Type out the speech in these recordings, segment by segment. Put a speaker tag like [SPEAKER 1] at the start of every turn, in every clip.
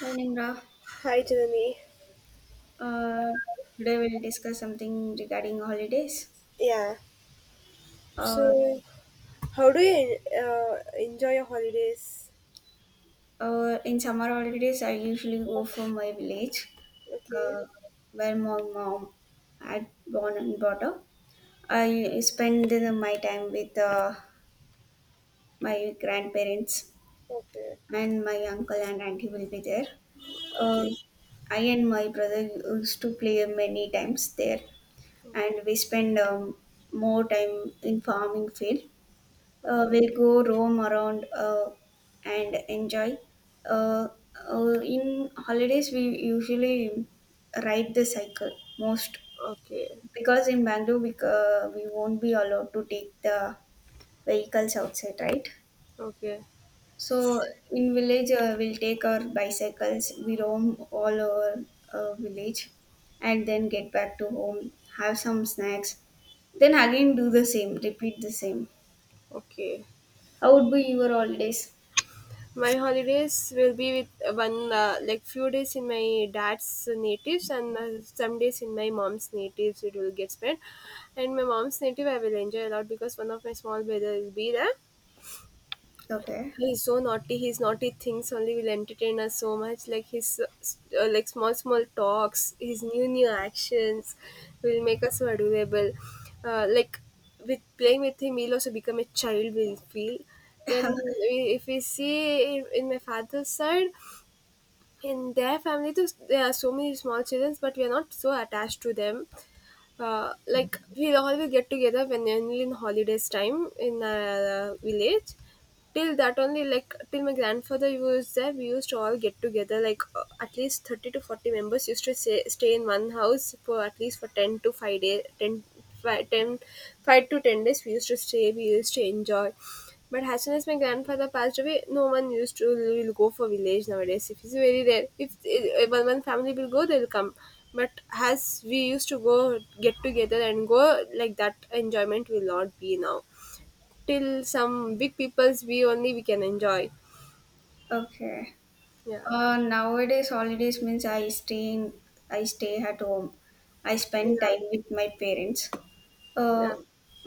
[SPEAKER 1] Morning, Ra.
[SPEAKER 2] Hi, Jeremy.
[SPEAKER 1] Uh, today we'll discuss something regarding holidays.
[SPEAKER 2] Yeah.
[SPEAKER 1] Uh,
[SPEAKER 2] So, how do you enjoy your holidays?
[SPEAKER 1] in summer holidays, I usually go for my village,
[SPEAKER 2] Okay.
[SPEAKER 1] uh, where my mom had born and brought up. I spend my time with my grandparents,
[SPEAKER 2] Okay.
[SPEAKER 1] and my uncle and auntie will be there. Uh, I and my brother used to play many times there, and we spend more time in farming field.
[SPEAKER 2] Okay.
[SPEAKER 1] We'll go roam around and enjoy. Uh, in holidays, we usually ride the cycle most
[SPEAKER 2] Okay.
[SPEAKER 1] because in Bangalore we won't be allowed to take the vehicles outside, right?
[SPEAKER 2] Okay.
[SPEAKER 1] So in village, we'll take our bicycles. We roam all over village, and then get back to home, have some snacks, then again do the same, repeat the same.
[SPEAKER 2] Okay.
[SPEAKER 1] How would be your holidays?
[SPEAKER 2] My holidays will be with one like few days in my dad's natives and some days in my mom's natives. It will get spent, and my mom's native I will enjoy a lot because one of my small brother will be there.
[SPEAKER 1] Okay.
[SPEAKER 2] He's so naughty. His naughty things only will entertain us so much. Like his like small small talks, his new new actions will make us so adorable. Like with playing with him, we'll also become a child. We'll feel when if we see in my father's side in their family too, there are so many small children, but we are not so attached to them. Like we'll always get together when in holidays time in a village. Till that only like till my grandfather was there, we used to all get together. Like at least 30 to 40 members used to stay in one house for at least for 10 to 5 days, 10 5 10 5 to 10 days. We used to stay. We used to enjoy, but as soon as my grandfather passed away, no one used to will go for village nowadays. If it's very rare, if one one family will go, they'll come. But as we used to go get together and go like that, enjoyment will not be now. Till some big people's we only we can enjoy.
[SPEAKER 1] Okay.
[SPEAKER 2] Yeah,
[SPEAKER 1] Nowadays holidays means I stay at home. I spend
[SPEAKER 2] yeah,
[SPEAKER 1] time with my parents. Uh,
[SPEAKER 2] yeah,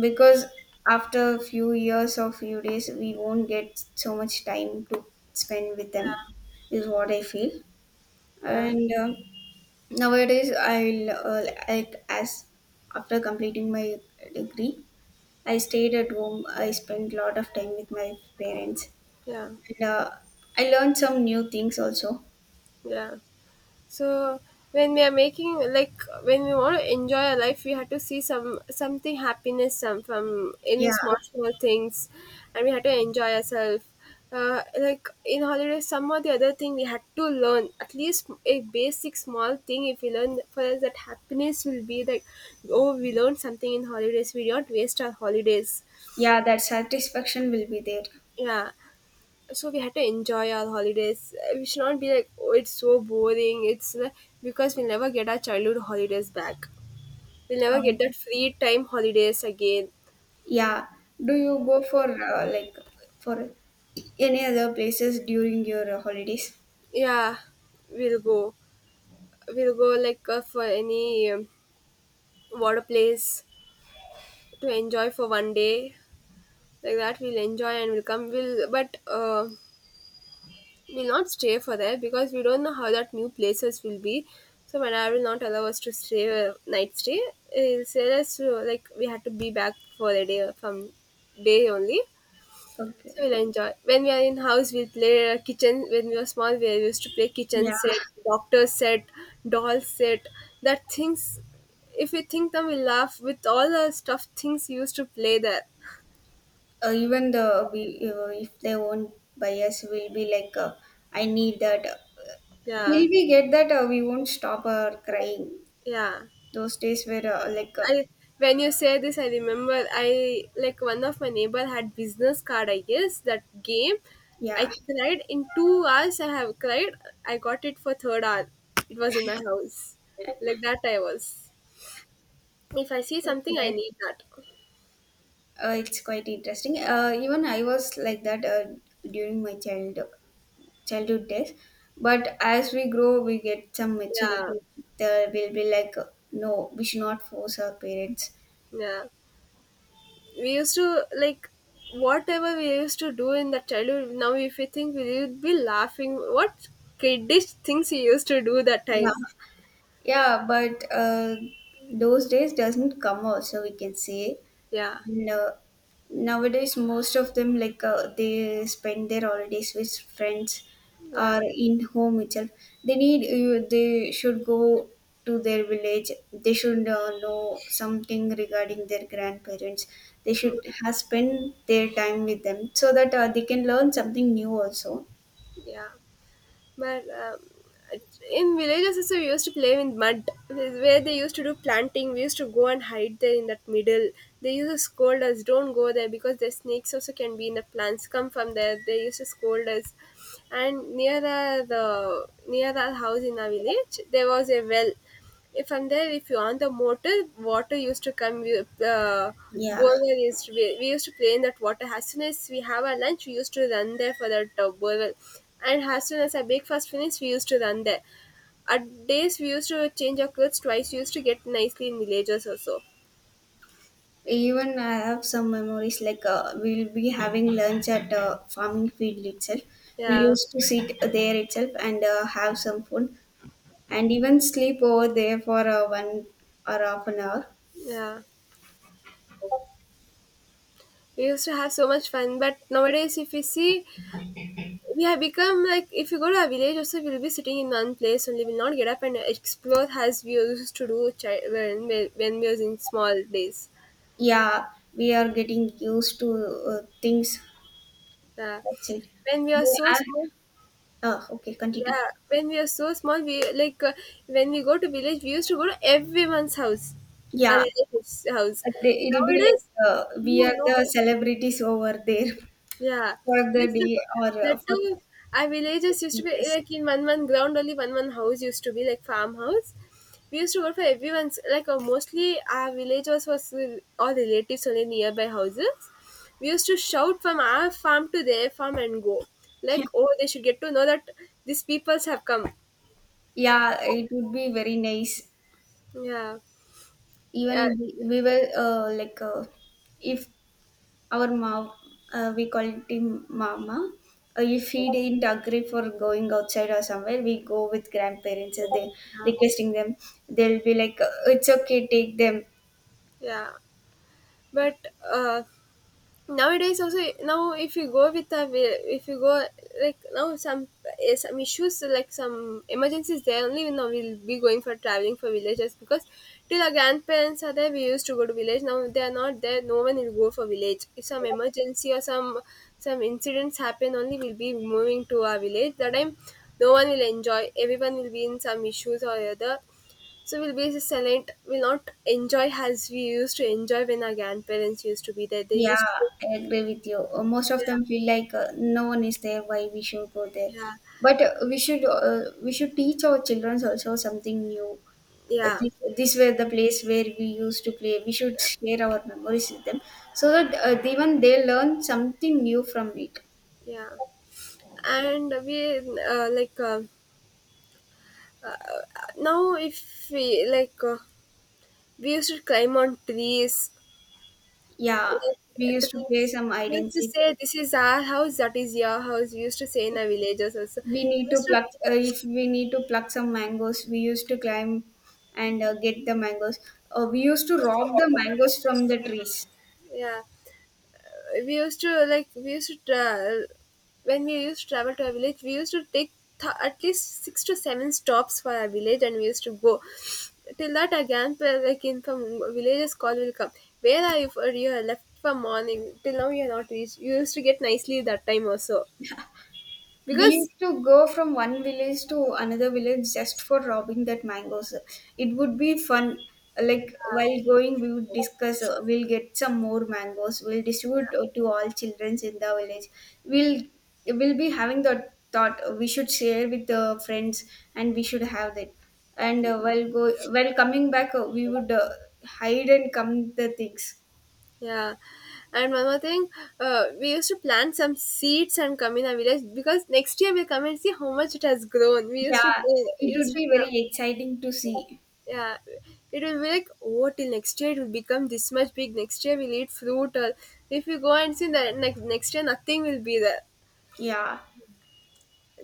[SPEAKER 1] because after a few years or few days, we won't get so much time to spend with them, is what I feel.
[SPEAKER 2] yeah,
[SPEAKER 1] And nowadays, I'll like as after completing my degree, I stayed at home. I spent a lot of time with my parents.
[SPEAKER 2] yeah,
[SPEAKER 1] And I learned some new things also.
[SPEAKER 2] yeah. So when we are making like when we want to enjoy our life, we have to see some something happiness some from any
[SPEAKER 1] Yeah,
[SPEAKER 2] small small things, and we have to enjoy ourselves. Like in holidays, some or the other thing we had to learn at least a basic small thing. If we learn for us, that happiness will be like, oh, we learned something in holidays. We don't waste our holidays.
[SPEAKER 1] yeah, that satisfaction will be there.
[SPEAKER 2] Yeah, so we had to enjoy our holidays. We should not be like, oh, it's so boring. It's because we'll never get our childhood holidays back. We'll never get
[SPEAKER 1] Um,
[SPEAKER 2] that free time holidays again.
[SPEAKER 1] yeah. Do you go for for any other places during your holidays?
[SPEAKER 2] Yeah, we'll go. We'll go like for any water place to enjoy for one day. Like that, we'll enjoy and we'll come. We'll but. We'll not stay for that because we don't know how that new places will be. So my dad will not allow us to stay night stay. He'll say us to, like we had to be back for a day from day only. So
[SPEAKER 1] Okay.
[SPEAKER 2] we'll enjoy. When we are in house, we'll play kitchen. When we were small, we used to play kitchen
[SPEAKER 1] Yeah.
[SPEAKER 2] set, doctor set, doll set. That things, if we think them, we laugh with all the stuff things we used to play there.
[SPEAKER 1] Even the we if they won't buy us, we'll be like, I need that.
[SPEAKER 2] Yeah,
[SPEAKER 1] Till we get that, we won't stop our crying.
[SPEAKER 2] yeah.
[SPEAKER 1] Those days were
[SPEAKER 2] I when you say this, I remember I like one of my neighbor had business card. I guess that game, I
[SPEAKER 1] yeah.
[SPEAKER 2] cried in 2 hours. I have cried. I got it for third hour. It was in my house. Like that, I was. If I see something, I
[SPEAKER 1] Okay.
[SPEAKER 2] need that.
[SPEAKER 1] It's quite interesting. Even I was like that during my childhood days, but as we grow, we get some
[SPEAKER 2] Yeah,
[SPEAKER 1] maturity. There will be like, no, we should not force our parents.
[SPEAKER 2] yeah. We used to like whatever we used to do in the childhood. Now, if we think, we would be laughing. What kiddish things we used to do that time?
[SPEAKER 1] Yeah, yeah, but those days doesn't come also. We can say
[SPEAKER 2] Yeah,
[SPEAKER 1] no, nowadays most of them like they spend their holidays with friends
[SPEAKER 2] yeah,
[SPEAKER 1] or in home itself. They need you. They should go to their village. They should know something regarding their grandparents. They
[SPEAKER 2] mm,
[SPEAKER 1] should have spend their time with them so that they can learn something new also.
[SPEAKER 2] yeah. But in villages, also we used to play in mud, where they used to do planting. We used to go and hide there in that middle. They used to scold us, don't go there because the snakes also can be in the plants. Come from there. They used to scold us. And near the near our house in our village, there was a well. If you on the motor, water used to come. Uh,
[SPEAKER 1] Yeah.
[SPEAKER 2] Borewell used to be, we used to play in that water. As soon as we have our lunch, we used to run there for that borewell. And as soon as our breakfast finished, we used to run there. At days, we used to change our clothes twice. We used to get nicely in villages also.
[SPEAKER 1] Even I have some memories like we'll be having lunch at farming field itself. We
[SPEAKER 2] Yeah,
[SPEAKER 1] used to sit there itself and have some food and even sleep over there for one or half an hour.
[SPEAKER 2] yeah. We used to have so much fun, but nowadays, if you see, we have become like if you go to a village also we'll be sitting in one place only will not get up and explore as we used to do when we was in small days.
[SPEAKER 1] Yeah, we are getting used to things.
[SPEAKER 2] Yeah,
[SPEAKER 1] That's it.
[SPEAKER 2] when we are
[SPEAKER 1] You
[SPEAKER 2] so
[SPEAKER 1] are,
[SPEAKER 2] small,
[SPEAKER 1] okay, continue.
[SPEAKER 2] yeah, when we are so small we like when we go to village we used to go to everyone's house, our
[SPEAKER 1] Yeah,
[SPEAKER 2] relatives house.
[SPEAKER 1] uh, it'll be like
[SPEAKER 2] Nowadays,
[SPEAKER 1] we
[SPEAKER 2] no,
[SPEAKER 1] are
[SPEAKER 2] no.
[SPEAKER 1] the celebrities over there
[SPEAKER 2] Yeah,
[SPEAKER 1] for
[SPEAKER 2] we
[SPEAKER 1] the
[SPEAKER 2] used to
[SPEAKER 1] day
[SPEAKER 2] go.
[SPEAKER 1] or
[SPEAKER 2] The
[SPEAKER 1] for
[SPEAKER 2] two our villages used to
[SPEAKER 1] the
[SPEAKER 2] be
[SPEAKER 1] days.
[SPEAKER 2] like in one one ground only, one one house used to be like farmhouse. We used to go for everyone's like mostly our villagers was all relatives only nearby houses. We used to shout from our farm to their farm and go like, oh, they should get to know that these peoples have come.
[SPEAKER 1] Yeah, it would be very nice.
[SPEAKER 2] Yeah,
[SPEAKER 1] Even
[SPEAKER 2] yeah,
[SPEAKER 1] we, we were if our mom, we call it him mama, if he didn't agree for going outside or somewhere, we go with grandparents and they
[SPEAKER 2] yeah,
[SPEAKER 1] requesting them. They'll be like, it's okay, take them.
[SPEAKER 2] yeah. But uh, nowadays also, now if you go like now some, some issues like some emergencies there only, now we'll be going for traveling for villages because till our grandparents are there we used to go to village. Now they are not there, no one will go for village if some emergency or some incidents happen only, we'll be moving to our village that time. No one will enjoy, everyone will be in some issues or other, so we'll be silent, we'll not enjoy as we used to enjoy when our grandparents used to be there, they
[SPEAKER 1] Yeah,
[SPEAKER 2] used to.
[SPEAKER 1] I agree with you. Most of
[SPEAKER 2] Yeah,
[SPEAKER 1] them feel like no one is there, why we should go there.
[SPEAKER 2] yeah,
[SPEAKER 1] But we should teach our children also something new.
[SPEAKER 2] yeah,
[SPEAKER 1] This were the place where we used to play. We should
[SPEAKER 2] yeah,
[SPEAKER 1] share our memories with them so that even they learn something new from it.
[SPEAKER 2] yeah. And we, like, now if we like, we used to climb on trees,
[SPEAKER 1] Yeah, we
[SPEAKER 2] like
[SPEAKER 1] used to play
[SPEAKER 2] trees.
[SPEAKER 1] some hide
[SPEAKER 2] We used
[SPEAKER 1] and
[SPEAKER 2] to
[SPEAKER 1] seek.
[SPEAKER 2] say this is our house, that is your house, we used to say in our villages also.
[SPEAKER 1] We
[SPEAKER 2] We
[SPEAKER 1] need to
[SPEAKER 2] used to.
[SPEAKER 1] pluck if we need to pluck some mangoes. We used to climb and get the mangoes. We used to rob the mangoes from the trees.
[SPEAKER 2] Yeah, we used to like we used to travel. When we used to travel to a village we used to take at least 6 to 7 stops for our village and we used to go. Till that again, like in from villages call will come, where are you for, you have left from morning till now you are not reached. You used to get nicely that time also,
[SPEAKER 1] We
[SPEAKER 2] because,
[SPEAKER 1] used to go from one village to another village just for robbing that mangoes. It would be fun. Like while going, we would discuss. We'll get some more mangoes. We'll distribute to all children in the village. We'll we'll be having the thought we should share with the friends and we should have that. And while coming back, we would hide and come the things.
[SPEAKER 2] yeah. And one more thing, we used to plant some seeds and come in our village because next year we'll come and see how much it has grown. We used to
[SPEAKER 1] Yeah,
[SPEAKER 2] go,
[SPEAKER 1] it
[SPEAKER 2] used
[SPEAKER 1] would
[SPEAKER 2] to
[SPEAKER 1] be
[SPEAKER 2] come.
[SPEAKER 1] very exciting to see.
[SPEAKER 2] Yeah, it will be like, oh, till next year it will become this much big. Next year we'll eat fruit or if you go and see that next year nothing will be there.
[SPEAKER 1] Yeah,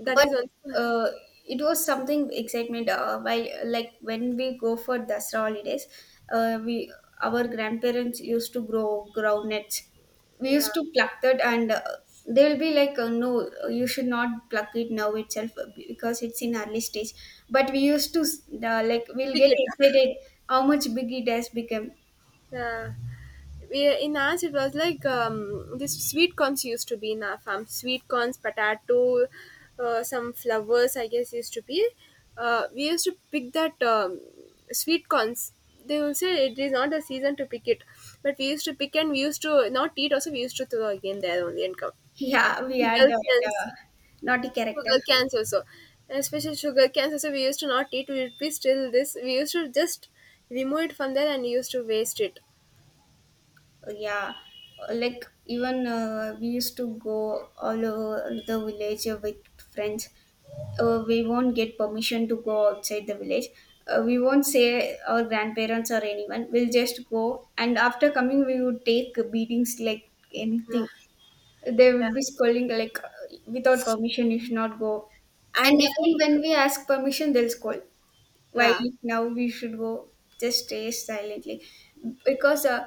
[SPEAKER 2] That
[SPEAKER 1] but
[SPEAKER 2] is one.
[SPEAKER 1] uh, it was something excitement while like when we go for Dasra holidays, we our grandparents used to grow groundnuts. We
[SPEAKER 2] Yeah,
[SPEAKER 1] used to pluck that, and they'll be like, no, you should not pluck it now itself because it's in early stage, but we used to we'll
[SPEAKER 2] pick
[SPEAKER 1] get
[SPEAKER 2] it.
[SPEAKER 1] excited how much big it has become.
[SPEAKER 2] Yeah. We, in ours, it was like this sweet corns used to be in our farm. Sweet corns, potato, some flowers, I guess, used to be. We used to pick that sweet corns. They will say it is not the season to pick it. But we used to pick and we used to not eat also, we used to throw again there only and come.
[SPEAKER 1] Yeah, we had
[SPEAKER 2] Sugar
[SPEAKER 1] that
[SPEAKER 2] cans,
[SPEAKER 1] naughty character.
[SPEAKER 2] sugar cans also. Especially sugar cans also, we used to not eat. We would be still this. We used to just remove it from there and used to waste it.
[SPEAKER 1] Yeah, like even we used to go all over the village with friends. We won't get permission to go outside the village. We won't say our grandparents or anyone. We'll just go, and after coming we would take beatings like anything. They
[SPEAKER 2] Yeah.
[SPEAKER 1] would be scolding like, without permission you should not go. And
[SPEAKER 2] And if,
[SPEAKER 1] again when we ask permission they'll scold, why
[SPEAKER 2] yeah,
[SPEAKER 1] now we should go, just stay silently. because uh,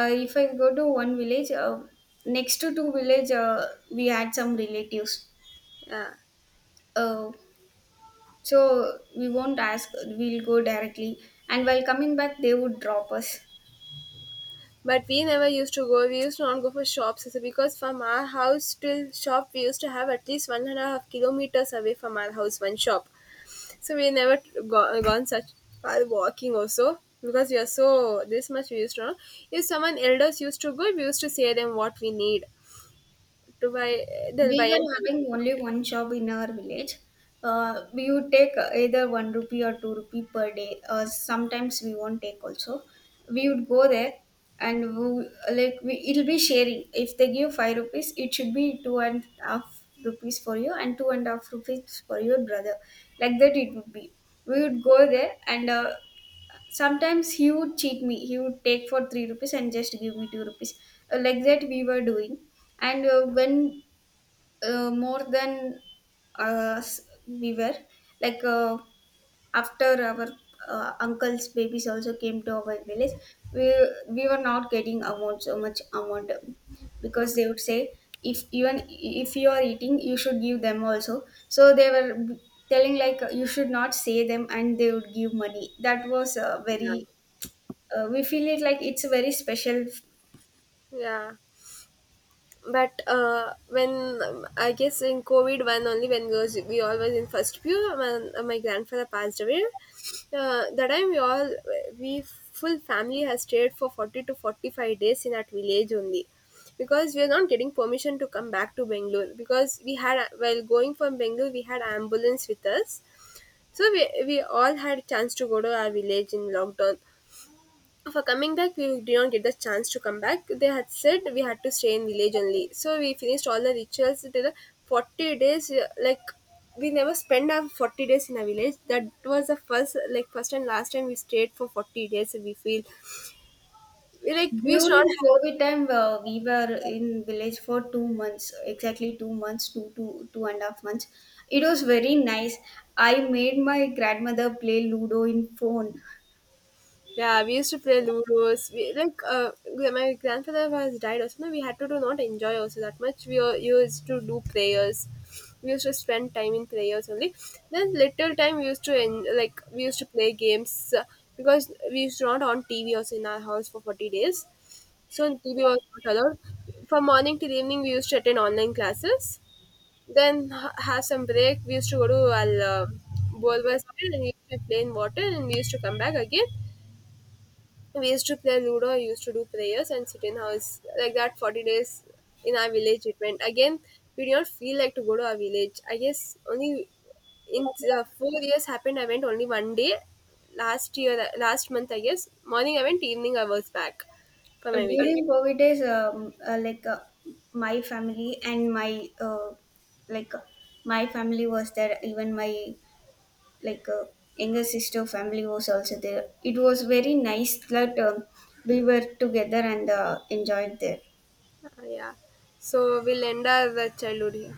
[SPEAKER 1] uh, if I go to one village, next to two village, we had some relatives,
[SPEAKER 2] yeah,
[SPEAKER 1] uh, so we won't ask. We'll go directly, and while coming back they would drop us.
[SPEAKER 2] but we never used to go, we used to not go for shops also, because from our house till shop we used to have at least 1.5 kilometers away from our house, one shop. So we never go, gone such far walking also, because we are so this much, we used to know. If someone elders used to go, we used to say them what we need to buy, they'll
[SPEAKER 1] We
[SPEAKER 2] buy and
[SPEAKER 1] were
[SPEAKER 2] they'll-.
[SPEAKER 1] having only one shop in our village. We would take either one rupee or two rupee per day. Sometimes we won't take also. We would go there, and it'll be sharing. If they give five rupees, it should be two and a half rupees for you and two and a half rupees for your brother. Like that it would be. We would go there and sometimes he would cheat me. He would take for three rupees and just give me two rupees. Like that we were doing. And when more than us, we were like, after our uncle's babies also came to our village. We were not getting amount, so much amount, because they
[SPEAKER 2] Okay.
[SPEAKER 1] would say, if even if you are eating you should give them also. So they were telling like, you should not say them, and they would give money. That was
[SPEAKER 2] Yeah,
[SPEAKER 1] very we feel it like it's very special.
[SPEAKER 2] yeah. But when, I guess in COVID one only when we all was in first pew, when my grandfather passed away. That time we full family has stayed for 40 to 45 days in that village only, because we are not getting permission to come back to Bangalore, because we had while going from Bangalore we had ambulance with us, so we all had chance to go to our village in lockdown. For coming back we did not get the chance to come back, they had said we had to stay in village only, so we finished all the rituals. It did 40 days, like we never spent our 40 days in a village. That was the first, like first and last time we stayed for 40 days we feel. We, like we used to not.
[SPEAKER 1] During COVID time, we were in village for 2 months, exactly 2 months, 2.5 months. It was very nice. I made my grandmother play Ludo in phone.
[SPEAKER 2] Yeah, we used to play Ludos. We like my grandfather has died also. No, we had to do not enjoy also that much. We were, used to do prayers. We used to spend time in prayers only. Then little time we used to like we used to play games because we used to not on TV also in our house for 40 days. So TV was not allowed. From morning till evening, we used to attend online classes. Then have some break. We used to go to our bowl and we used to play in water and we used to come back again. So, we used to play Ludo, I used to do prayers and sit in house. Like that, 40 days in our village it went. Again, we did not feel like to go to our village. I guess only in 4 years happened, I went only one day. Last year, last month, I guess, morning I went, evening I was back for my village.
[SPEAKER 1] During COVID days, my family and my uh, like uh, my family was there. Even my like uh, younger sister family was also there. It was very nice that we were together and enjoyed there.
[SPEAKER 2] Okay. Yeah. So we'll end our childhood here.